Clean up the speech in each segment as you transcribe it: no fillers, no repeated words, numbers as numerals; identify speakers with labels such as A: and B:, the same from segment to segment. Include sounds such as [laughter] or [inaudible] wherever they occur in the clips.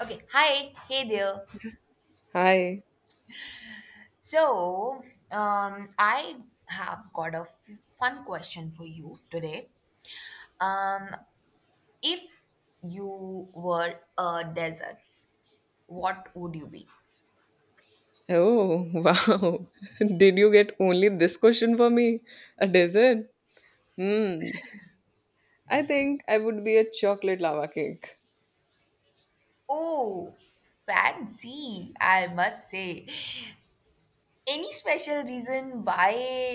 A: Okay, hi, hey there.
B: Hi.
A: So, I have got a fun question for you today. Um, if you were a desert, what would you be?
B: Oh, [laughs] wow. Did you get only this question for me? A dessert? Hmm. I think I would be a chocolate lava cake.
A: Oh, fancy, I must say. Any special reason why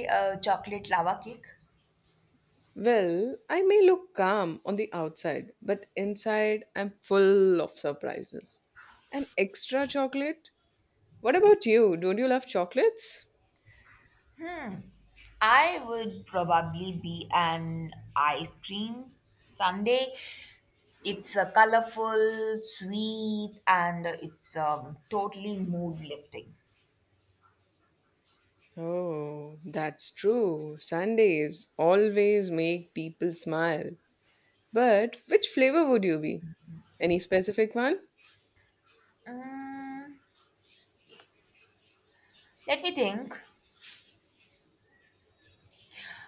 A: a chocolate lava cake?
B: Well, I may look calm on the outside, but inside I'm full of surprises. And extra chocolate? What about you? Don't you love chocolates?
A: I would probably be an ice cream sundae. It's a colorful, sweet, and it's totally mood lifting.
B: Oh, that's true. Sundays always make people smile. But which flavor would you be? Any specific one?
A: Mm, let me think.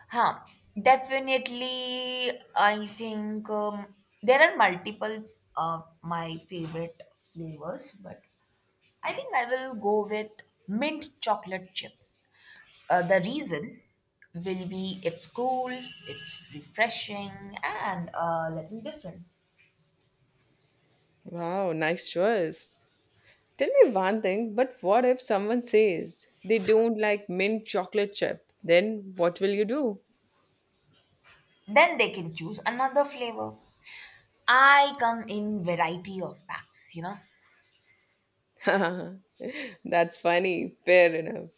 A: Huh. Definitely, I think there are multiple of my favorite flavors, but I think I will go with mint chocolate chip. The reason will be it's cool, it's refreshing, and a little different.
B: Wow, nice choice. Tell me one thing, but what if someone says they don't like mint chocolate chip? Then what will you do?
A: Then they can choose another flavor. I come in variety of packs.
B: [laughs] That's funny. Fair enough.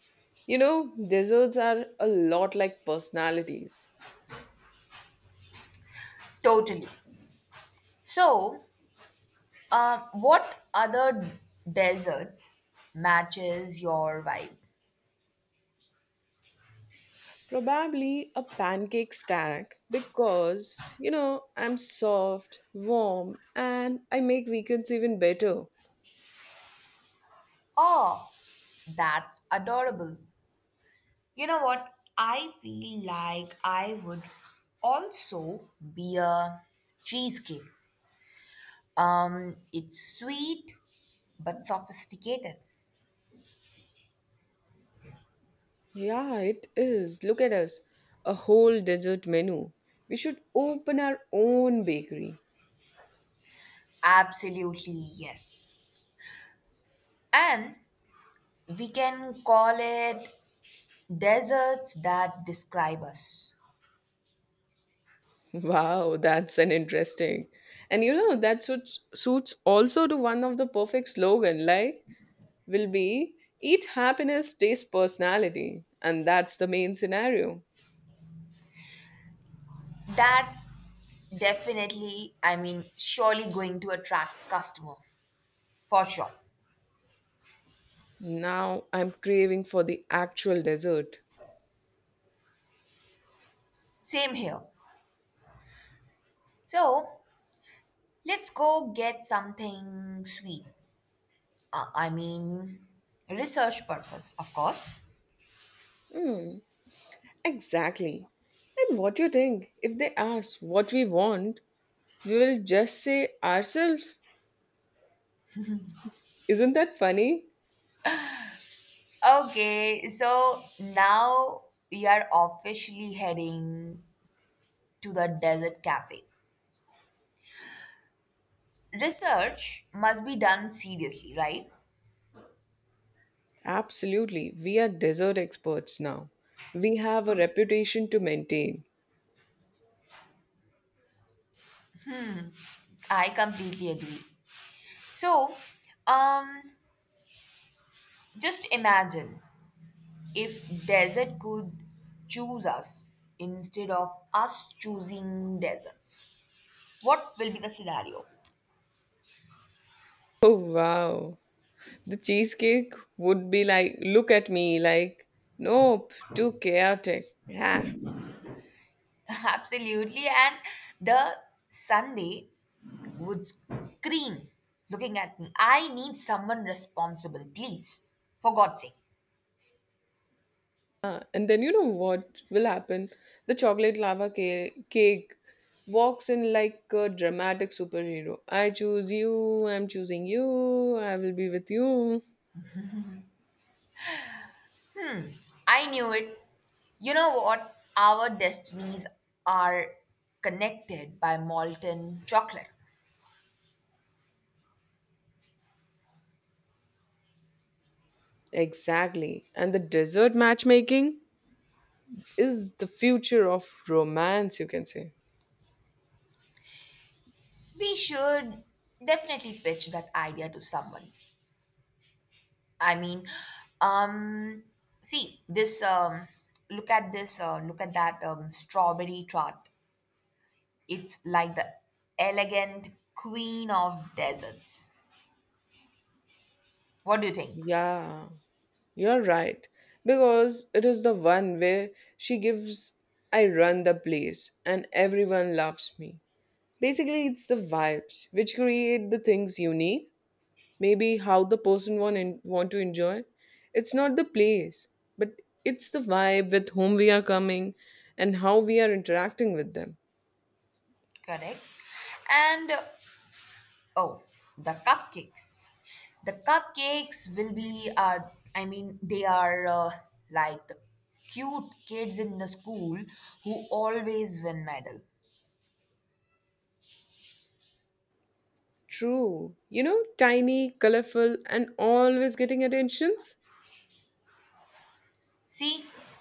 B: You know, desserts are a lot like personalities.
A: Totally. So, what other deserts matches your vibe?
B: Probably a pancake stack because, you know, I'm soft, warm, and I make weekends even better.
A: Oh, that's adorable. You know what? I feel like I would also be a cheesecake. It's sweet but sophisticated.
B: Yeah, it is. Look at us. A whole dessert menu. We should open our own bakery.
A: Absolutely, yes. And we can call it "Deserts that describe us."
B: [laughs] Wow, that's an interesting. And you know, that suits also to one of the perfect slogan like will be eat happiness, taste personality. And that's the main scenario.
A: That's definitely, I mean, surely going to attract customer for sure.
B: Now I'm craving for the actual dessert.
A: Same here. So let's go get something sweet. I mean, research purpose, of course.
B: Hmm, exactly. And what do you think? If they ask what we want, we will just say ourselves. Isn't that funny?
A: Okay, so now we are officially heading to the desert cafe. Research must be done seriously, right?
B: Absolutely. We are desert experts now. We have a reputation to maintain.
A: I completely agree. So, um, just imagine if desert could choose us instead of us choosing deserts. What will be the scenario?
B: Oh, wow. The cheesecake would be like, look at me, like, nope, too chaotic. Yeah.
A: [laughs] Absolutely, and the Sunday would scream, looking at me. I need someone responsible, please. For God's sake.
B: Ah, and then you know what will happen? The chocolate lava cake walks in like a dramatic superhero. I choose you, I'm choosing you, I will be with you.
A: I knew it. You know what? Our destinies are connected by molten chocolate.
B: Exactly. And the dessert matchmaking is the future of romance, you can say.
A: We should definitely pitch that idea to someone. I mean, um, see this. Look at this. Look at that strawberry tart. It's like the elegant queen of deserts. What do you think?
B: Yeah, you're right. Because it is the one where she gives, I run the place and everyone loves me. Basically, it's the vibes which create the things unique. Maybe how the person want, in, want to enjoy. It's not the place, but it's the vibe with whom we are coming and how we are interacting with them.
A: Correct. And oh, the cupcakes. The cupcakes will be. I mean, they are like the cute kids in the school who always win medal.
B: True. You know, tiny, colorful, and always getting attentions?
A: See,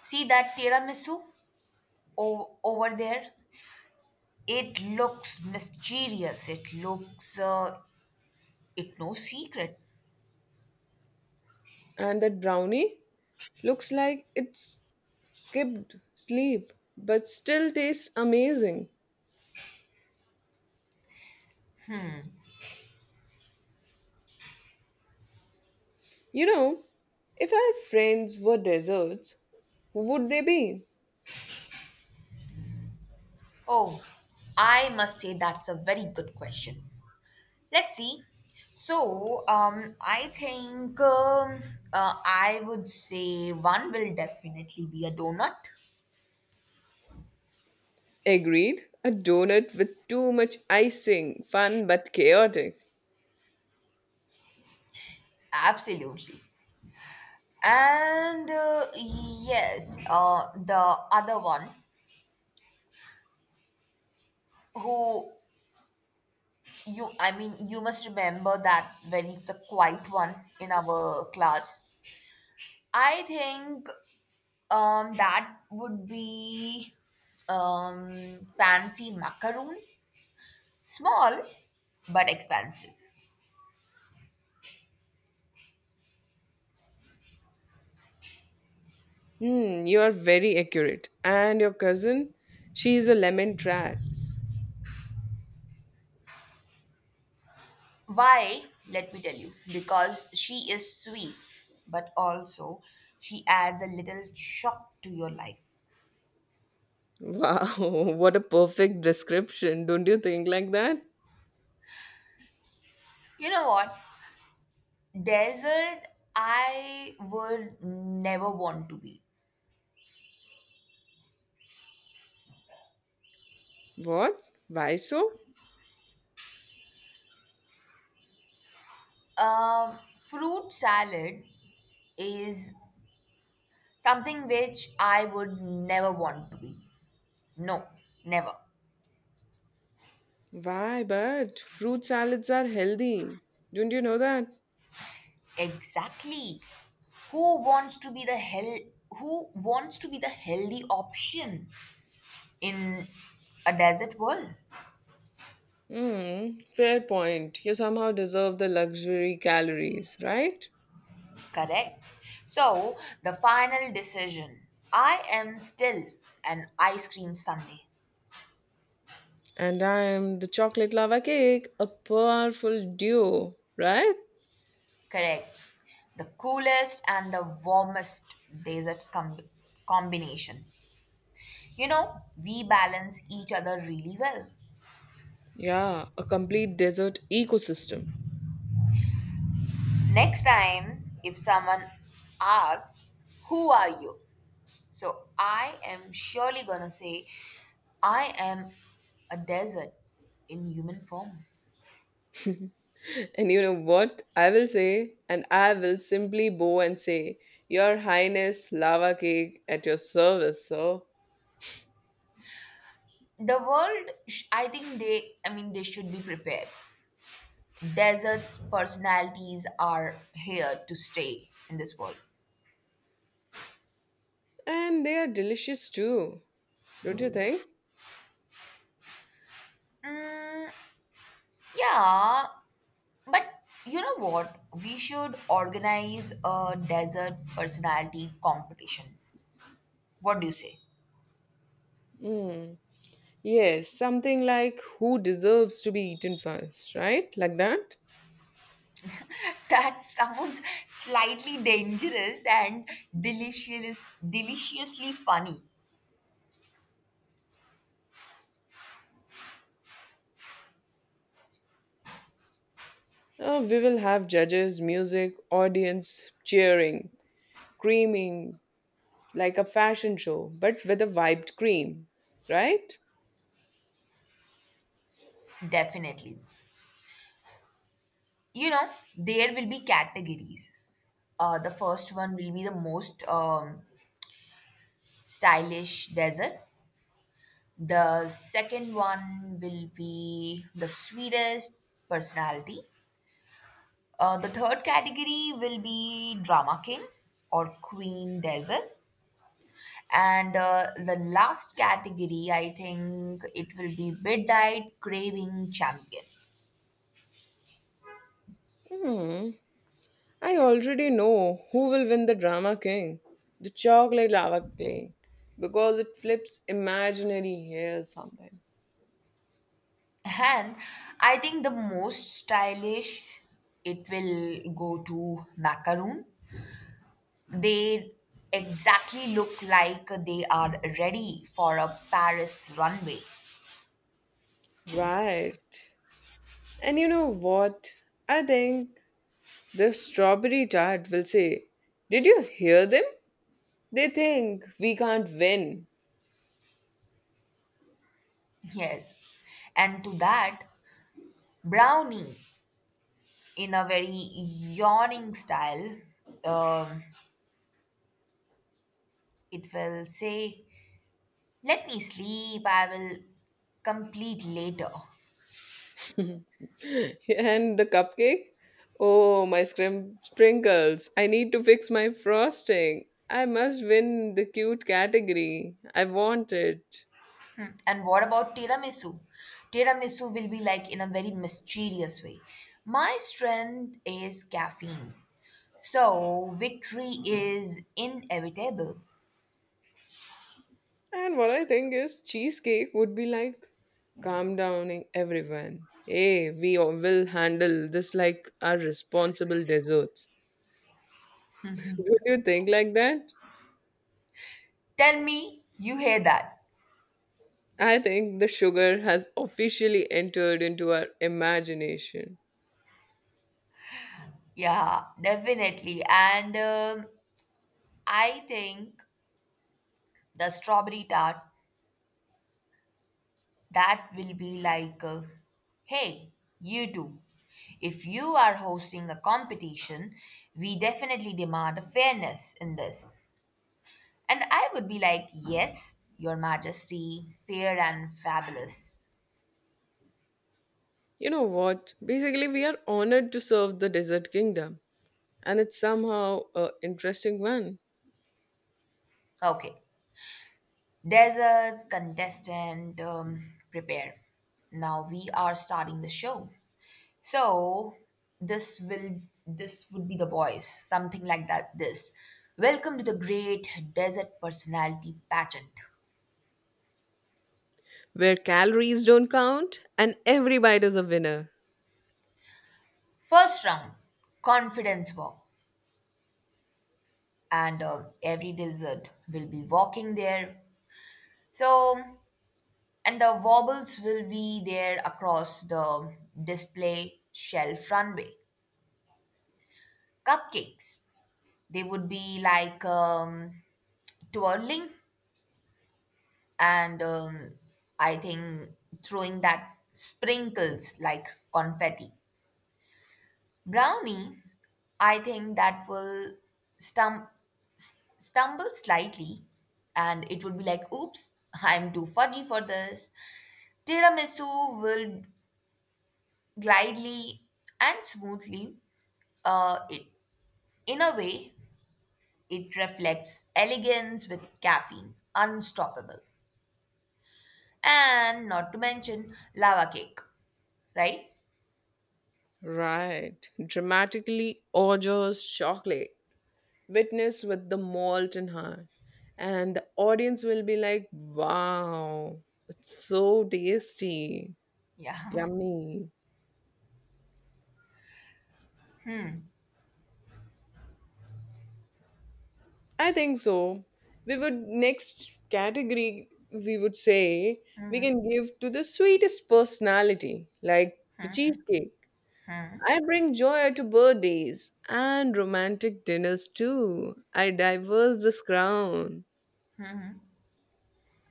A: see that tiramisu over there? It looks mysterious. It looks, it no secret.
B: And that brownie looks like it skipped sleep, but still tastes amazing. You know, if our friends were desserts, who would they be?
A: Oh, I must say that's a very good question. Let's see. So, I think I would say one will definitely be a donut.
B: Agreed. A donut with too much icing, fun but chaotic.
A: Absolutely. And yes, the other one who. You, I mean, you must remember that very the quiet one in our class. I think that would be fancy macaroon. Small but expansive.
B: Hmm, you are very accurate. And your cousin, she is a lemon tart.
A: Why? Let me tell you. Because she is sweet, but also she adds a little shock to your life.
B: Wow, [laughs] what a perfect description. Don't you think like that?
A: You know what? Desert, I would never want to be.
B: What? Why so?
A: Fruit salad is something which I would never want to be. No, never.
B: Why, but fruit salads are healthy. Don't you know that?
A: Exactly. Who wants to be the hell who wants to be the healthy option in a desert world?
B: Hmm, fair point. You somehow deserve the luxury calories, right?
A: Correct. So, the final decision. I am still an ice cream sundae.
B: And I am the chocolate lava cake, a powerful duo, right?
A: Correct. The coolest and the warmest desert combination. You know, we balance each other really well.
B: Yeah, a complete desert ecosystem.
A: Next time, if someone asks, "Who are you?" So I am surely gonna say, I am a desert in human form.
B: [laughs] And you know what? I will say, and I will simply bow and say, Your Highness, lava cake at your service, sir.
A: The world, I think they, I mean, they should be prepared. Deserts' personalities are here to stay in this world.
B: And they are delicious too, don't you think?
A: Mm, yeah. But you know what? We should organize a desert personality competition. What do you say? [laughs]
B: Yes, something like who deserves to be eaten first, right? Like that.
A: That sounds slightly dangerous and delicious, deliciously funny.
B: We will have judges, music, audience, cheering, creaming, like a fashion show, but with a wiped cream, right?
A: Definitely. You know, there will be categories. The first one will be the most stylish desert. The second one will be the sweetest personality. The third category will be drama king or queen desert. And the last category, I think it will be midnight craving champion.
B: Hmm. I already know who will win the drama king, the chocolate lava king, because it flips imaginary hairs sometimes.
A: And I think the most stylish, it will go to macaroon. They exactly look like they are ready for a Paris runway.
B: Right. And you know what? I think the strawberry tart will say, did you hear them? They think we can't win.
A: Yes. And to that, brownie in a very yawning style. Um, it will say, "Let me sleep, I will complete later."
B: [laughs] And the cupcake? Oh, my sprinkles. I need to fix my frosting. I must win the cute category. I want it.
A: And what about tiramisu? Tiramisu will be like in a very mysterious way. My strength is caffeine. So victory is inevitable.
B: And what I think is, cheesecake would be like calm downing everyone. Hey, we all will handle this like our responsible desserts. [laughs] Would you think like that?
A: Tell me you hear that.
B: I think the sugar has officially entered into our imagination.
A: Yeah, definitely. And I think the strawberry tart. That will be like, hey, you two, if you are hosting a competition, we definitely demand fairness in this. And I would be like, yes, Your Majesty, fair and fabulous.
B: You know what? Basically, we are honored to serve the desert kingdom, and it's somehow an interesting one
A: Okay, deserts, contestant, prepare. Now we are starting the show. So this will this would be the voice, something like that. This. Welcome to the Great Desert Personality Pageant.
B: where calories don't count and every bite is a winner.
A: First round, confidence walk, and every desert will be walking there. So, and the wobbles will be there across the display shelf runway. Cupcakes, they would be like twirling and I think throwing that sprinkles like confetti. Brownie, I think that will stum- stumble slightly, and it would be like, "Oops, I'm too fudgy for this." Tiramisu will glidely and smoothly. It in a way it reflects elegance with caffeine, unstoppable, and not to mention lava cake, right?
B: Right. Dramatically Orjo's chocolate, witness with the malt in hand. And the audience will be like, wow, it's so tasty.
A: Yeah. [laughs]
B: Yummy. I think so. We would next category we would say we can give to the sweetest personality, like the cheesecake. I bring joy to birthdays and romantic dinners too. I diverse this crown.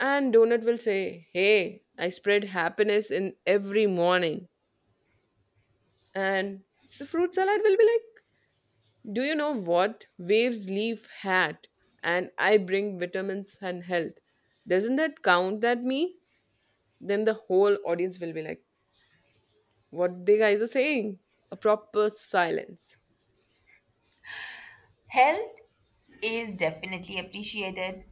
B: And Donut will say, hey, I spread happiness in every morning. And the fruit salad will be like, do you know what? Waves leaf hat and I bring vitamins and health. Doesn't that count at me? Then the whole audience will be like, what the guys are saying? A proper silence.
A: Health is definitely appreciated,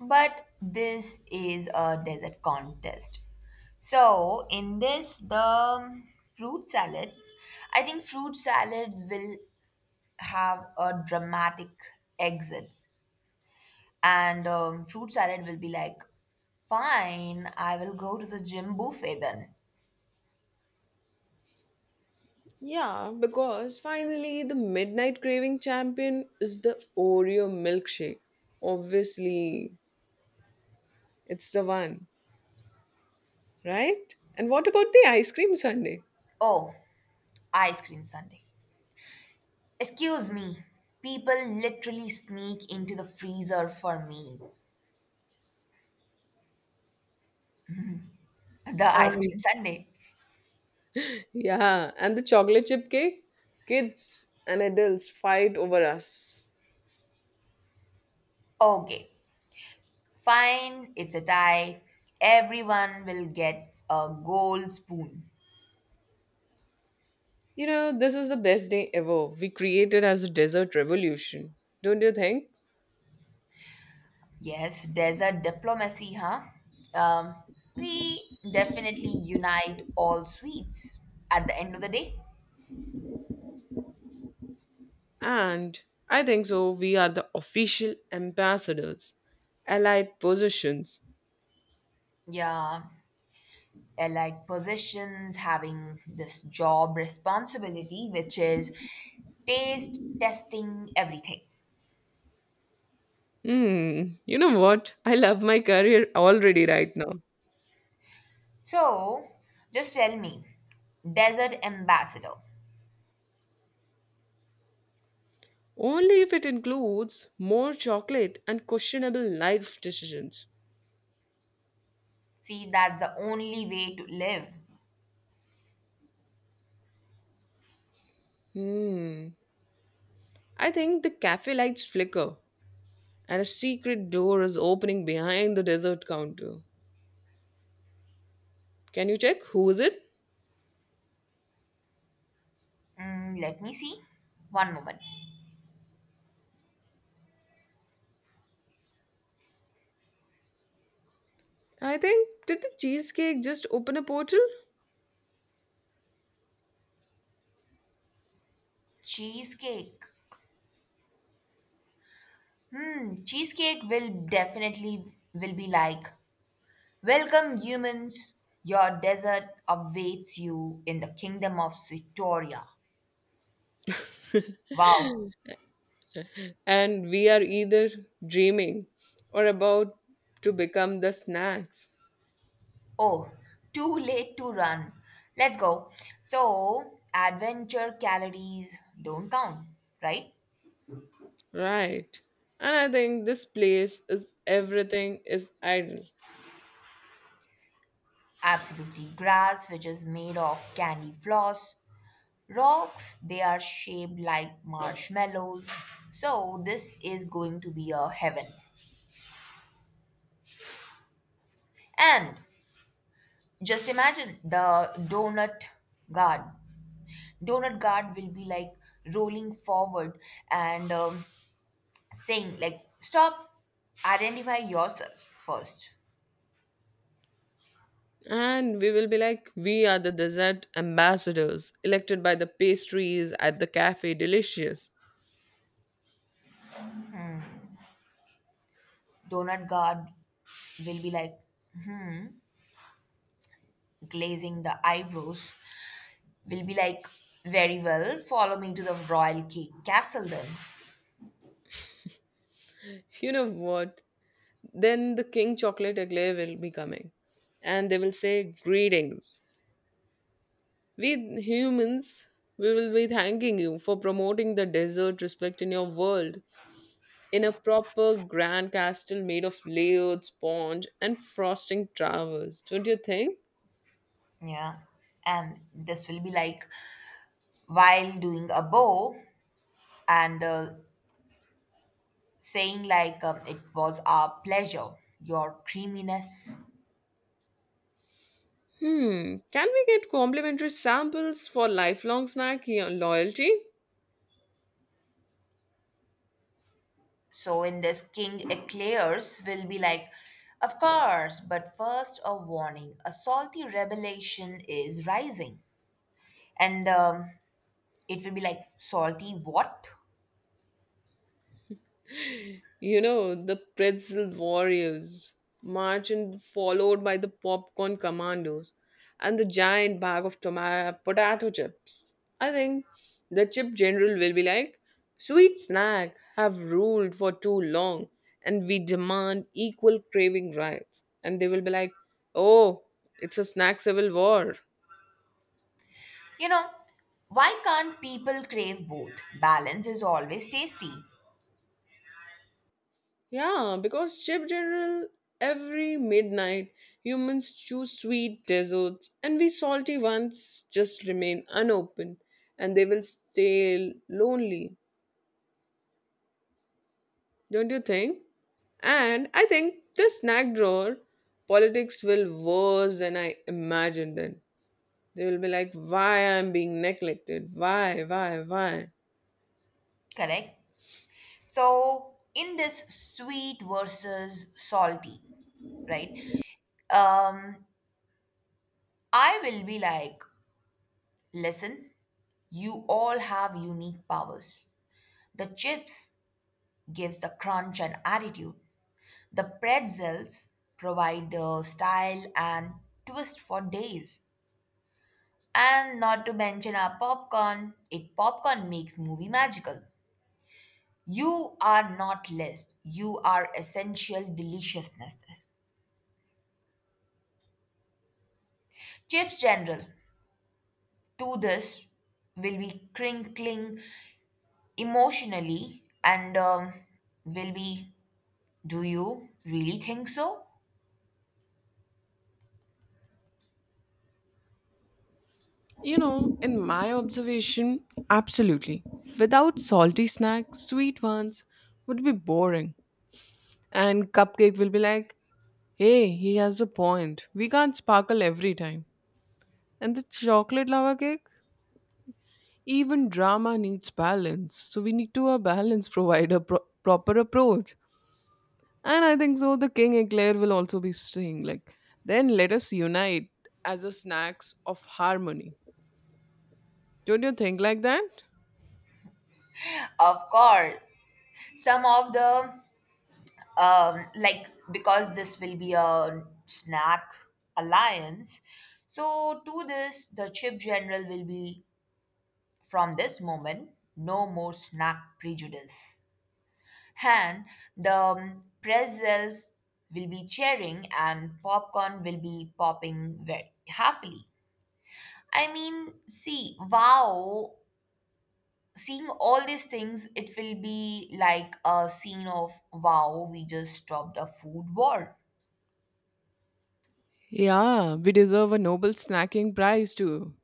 A: but this is a desert contest. So, in this, the fruit salad, I think fruit salads will have a dramatic exit, and fruit salad will be like, "fine, I will go to the gym buffet then."
B: Yeah, because finally the midnight craving champion is the Oreo milkshake. Obviously, it's the one, right? And what about the ice cream sundae?
A: Oh, ice cream sundae. Excuse me, people literally sneak into the freezer for me. The ice
B: And
A: cream sundae.
B: yeah, and the chocolate chip cake, kids and adults fight over us.
A: Okay, fine. It's a tie. Everyone will get a gold spoon.
B: You know, this is the best day ever. We created as a dessert revolution, don't you think?
A: Yes, desert diplomacy, huh? Um, we definitely unite all sweets at the end of the day.
B: And I think so. We are the official ambassadors, allied positions.
A: Yeah, allied positions having this job responsibility, which is taste testing everything.
B: Hmm, you know what? I love my career already right now.
A: So, just tell me, desert ambassador.
B: Only if it includes more chocolate and questionable life decisions.
A: See, that's the only way to live.
B: Hmm, I think the cafe lights flicker and a secret door is opening behind the dessert counter. Can you check who is it?
A: Mm, let me see. One moment.
B: I think did the cheesecake just open a portal?
A: Cheesecake. Hmm, cheesecake will definitely will be like, "Welcome humans. Your desert awaits you in the kingdom of Sitoria." Wow.
B: And we are either dreaming or about to become the snacks.
A: Oh, too late to run. Let's go. So, adventure calories don't count, right?
B: Right. And I think this place is everything is idle.
A: Absolutely. Grass, which is made of candy floss. Rocks, they are shaped like marshmallows. So this is going to be a heaven. And just imagine the donut guard. Donut guard will be like rolling forward and saying like, "Stop! Identify yourself first."
B: And we will be like, we are the dessert ambassadors, elected by the pastries at the cafe delicious.
A: Donut guard will be like, glazing the eyebrows, will be like, very well, follow me to the royal cake castle then.
B: You know what? Then the king chocolate eclair will be coming and they will say, greetings. We humans, we will be thanking you for promoting the desert respect in your world in a proper grand castle made of layered sponge and frosting towers. Don't you think?
A: Yeah, and this will be like, while doing a bow, and saying like it was our pleasure, your creaminess.
B: Hmm, can we get complimentary samples for lifelong snack loyalty?
A: So, in this, king eclairs will be like, of course, but first, a warning, a salty revelation is rising. And it will be like, salty what?
B: You know, the pretzel warriors march and followed by the popcorn commandos and the giant bag of tomato potato chips. I think the chip general will be like, sweet snack have ruled for too long and we demand equal craving rights. And they will be like, oh, it's a snack civil war.
A: You know, why can't people crave both? Balance is always tasty.
B: Yeah, because chip general every midnight humans choose sweet desserts and we salty ones just remain unopened and they will stay lonely. Don't you think? And I think the snack drawer politics will worse than I imagined then. They will be like, why I'm being neglected? Why, why?
A: Correct. So, in this, sweet versus salty, right? Um, I will be like, listen, you all have unique powers. The chips gives the crunch and attitude. The pretzels provide the style and twist for days. And not to mention our popcorn, it popcorn makes movie magical. You are not list, you are essential deliciousness. Chips general, to this, will be crinkling emotionally and will be, do you really think so?
B: You know, in my observation, absolutely. Without salty snacks, sweet ones would be boring. And cupcake will be like, hey, he has a point. We can't sparkle every time. And the chocolate lava cake? Even drama needs balance. So we need to a balance [laughs] provide a proper approach. And I think so the King Eclair will also be saying like, then let us unite as a snacks of harmony. Don't you think like that?
A: Of course, some of the like, because this will be a snack alliance, so to this the chip general will be, from this moment, no more snack prejudice. And the pretzels will be cheering and popcorn will be popping very happily. I mean, see, wow, seeing all these things, it will be like a scene of, wow, we just stopped a food war.
B: Yeah, we deserve a Nobel snacking prize too.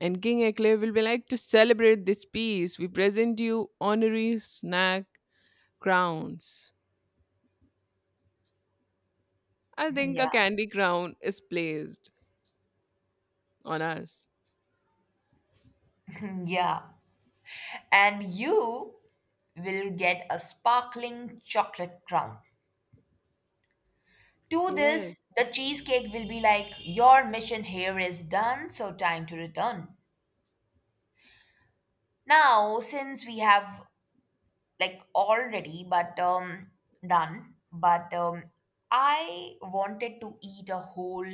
B: And King Eclair will be like to celebrate this peace. We present you honorary snack crowns. I think a
A: Yeah.
B: candy crown is placed on us.
A: [laughs] [clears throat] Yeah. And you will get a sparkling chocolate crown. To
B: Yes.
A: this, the cheesecake will be like, "Your mission here is done, so time to return." Now, since we have like already, but done, but I wanted to eat a whole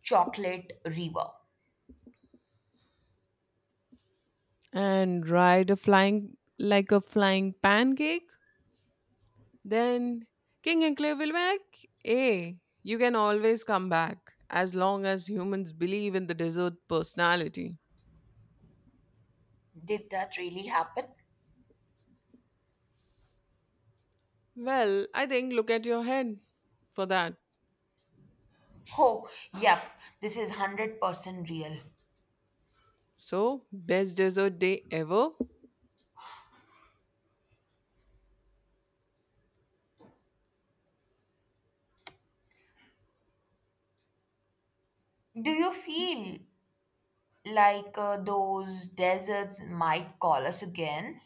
A: chocolate river.
B: And ride a flying like a flying pancake. Then King Eclair will be like, hey, you can always come back as long as humans believe in the dessert personality.
A: Did that really happen?
B: Well, I think look at your head for that.
A: Oh, yep, this is 100% real.
B: So, best dessert day ever?
A: Do you feel like those deserts might call us again?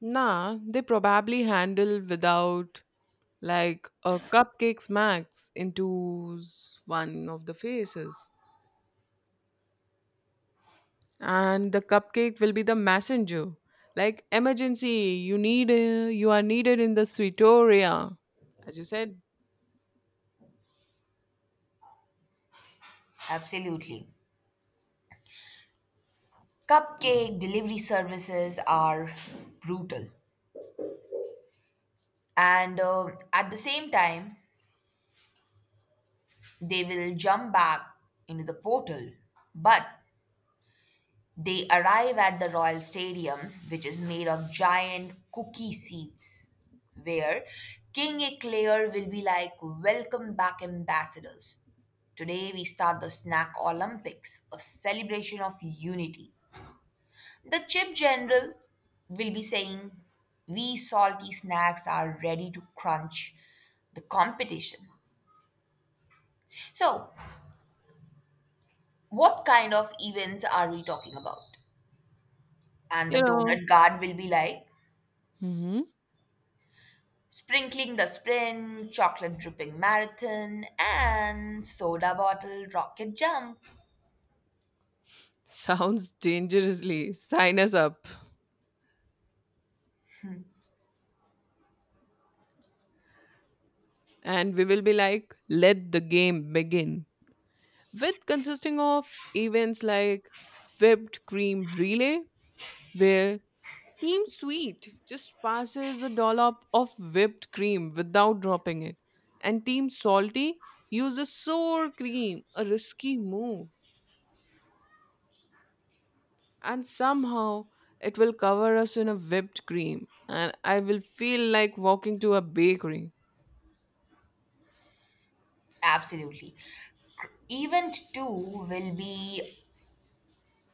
B: Nah, they probably handle without like a cupcake smacks into one of the faces. And the cupcake will be the messenger. Like emergency, you need you are needed in the sweetoria. As you said,
A: Absolutely. Cupcake delivery services are brutal. And at the same time, they will jump back into the portal. But they arrive at the Royal Stadium, which is made of giant cookie seats, where King Eclair will be like, "Welcome back, ambassadors. Today we start the Snack Olympics, a celebration of unity." The chip general will be saying, "We salty snacks are ready to crunch the competition." So, what kind of events are we talking about? And the
B: you know.
A: donut guard will be like,
B: Hmm.
A: sprinkling the sprint, chocolate dripping marathon, and soda bottle rocket jump.
B: [laughs] Sounds dangerously. Sign us up. And we will be like, let the game begin. With consisting of events like whipped cream relay where team sweet just passes a dollop of whipped cream without dropping it and team salty uses sour cream a risky move and somehow it will cover us in a whipped cream and I will feel like walking to a bakery.
A: Absolutely. Event 2 will be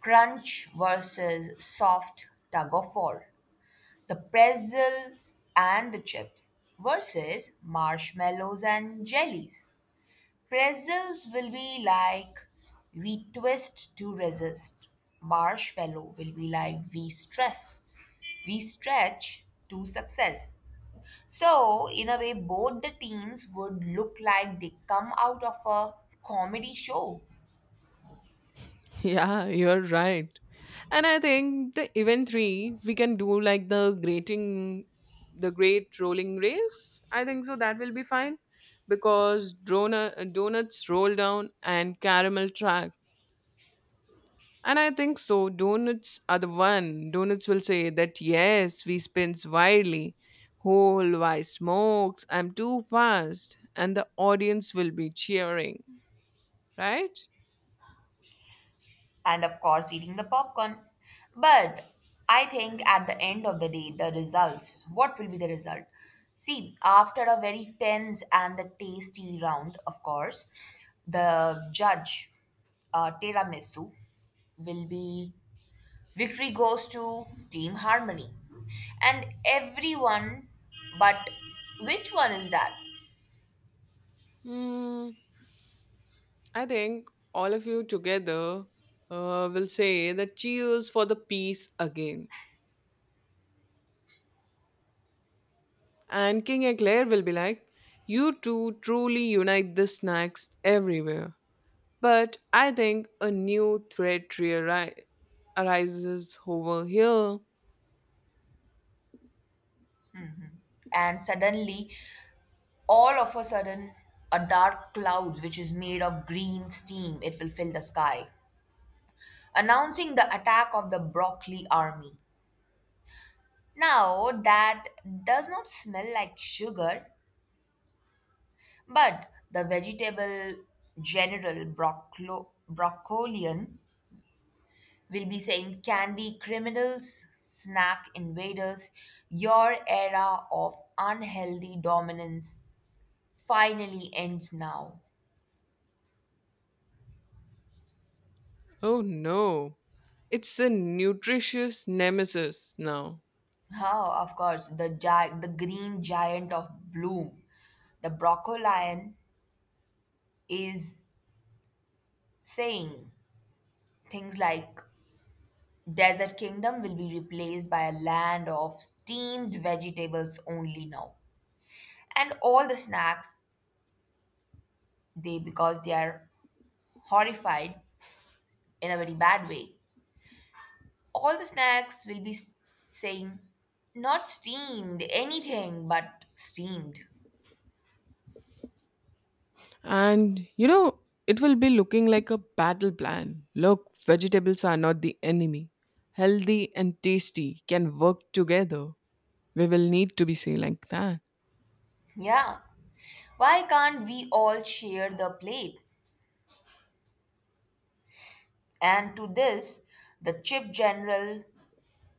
A: crunch versus soft tug of war. The pretzels and the chips versus marshmallows and jellies. Pretzels will be like, we twist to resist. Marshmallow will be like, we stress. We stretch to success. So, in a way, both the teams would look like they come out of a comedy show
B: [laughs] Yeah, you're right. And I think the event three, we can do like the grating, the great rolling race. I think so that will be fine because donut, donuts roll down and caramel track. And I think so. Donuts are the one. Donuts will say that yes, we spins wildly. Whole why smokes? I'm too fast, and the audience will be cheering, right?
A: and, of course, eating the popcorn. But I think at the end of the day, the results, what will be the result? See, after a very tense and the tasty round, of course, the judge, Tiramisu, will be, victory goes to Team Harmony. And everyone, but which one is that?
B: Hmm. I think all of you together will say that cheers for the peace again. And King Eclair will be like, you two truly unite the snacks everywhere. But I think a new threat arises over here.
A: And suddenly, all of a sudden, a dark cloud which is made of green steam, it will fill the sky, announcing the attack of the broccoli army. Now that does not smell like sugar, but the vegetable general broccolian will be saying, candy criminals, snack invaders, your era of unhealthy dominance finally ends now.
B: Oh no, it's a nutritious nemesis now.
A: Oh, of course, the the green giant of bloom, the brocolion, is saying things like, desert kingdom will be replaced by a land of steamed vegetables only now. And all the snacks, they because they are horrified in a very bad way. All the snacks will be saying, not steamed anything but steamed.
B: And you know, it will be looking like a battle plan. Look, vegetables are not the enemy. Healthy and tasty can work together. We will need to be say like that.
A: Yeah. Why can't we all share the plate? And to this, the chip general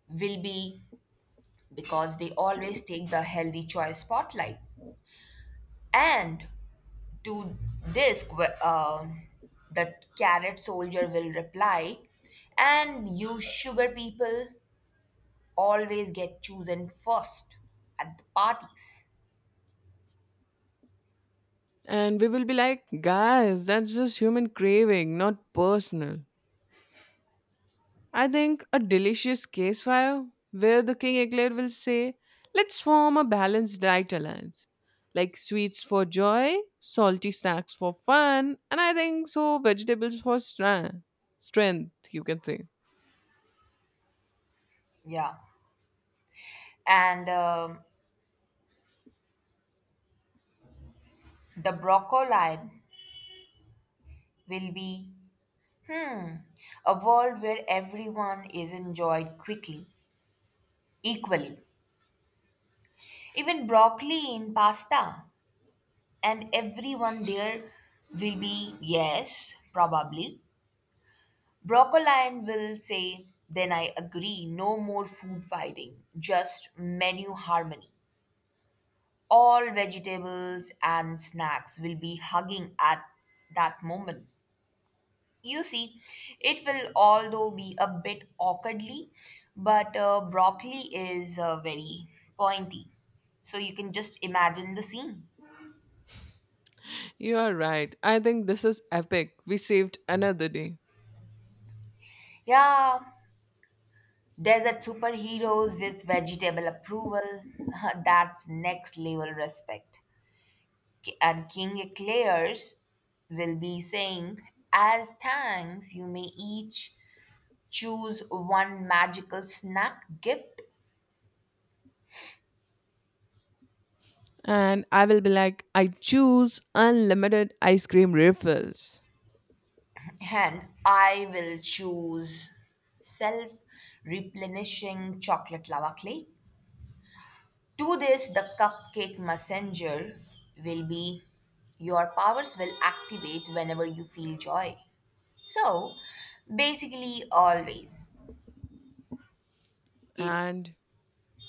A: will be, because they always take the healthy choice spotlight. And to this, the carrot soldier will reply, and you sugar people always get chosen first at the parties.
B: And we will be like, guys, that's just human craving, not personal. I think a delicious case campfire where the king eclair will say, "Let's form a balanced diet alliance, like sweets for joy, salty snacks for fun, and I think so vegetables for strength." You can say.
A: Yeah. And the broccoli will be, a world where everyone is enjoyed quickly, equally. Even broccoli in pasta. And everyone there will be, yes, probably. Broccolian will say, then I agree, no more food fighting, just menu harmony. All vegetables and snacks will be hugging at that moment. You see, it will although be a bit awkwardly, but broccoli is very pointy. So you can just imagine the scene.
B: You are right. I think this is epic. We saved another day.
A: Yeah. Desert superheroes with vegetable approval. [laughs] That's next level respect. And King Eclairs will be saying, as thanks, you may each choose one magical snack gift,
B: And I will be like, I choose unlimited ice cream refills.
A: and I will choose self replenishing chocolate lava clay. To this, the cupcake messenger will be, your powers will activate whenever you feel joy. So basically always it's
B: And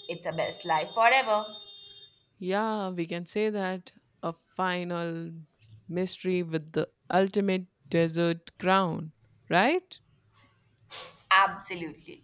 A: it's a best life forever.
B: yeah, we can say that a final mystery with the ultimate dessert crown, right?
A: Absolutely.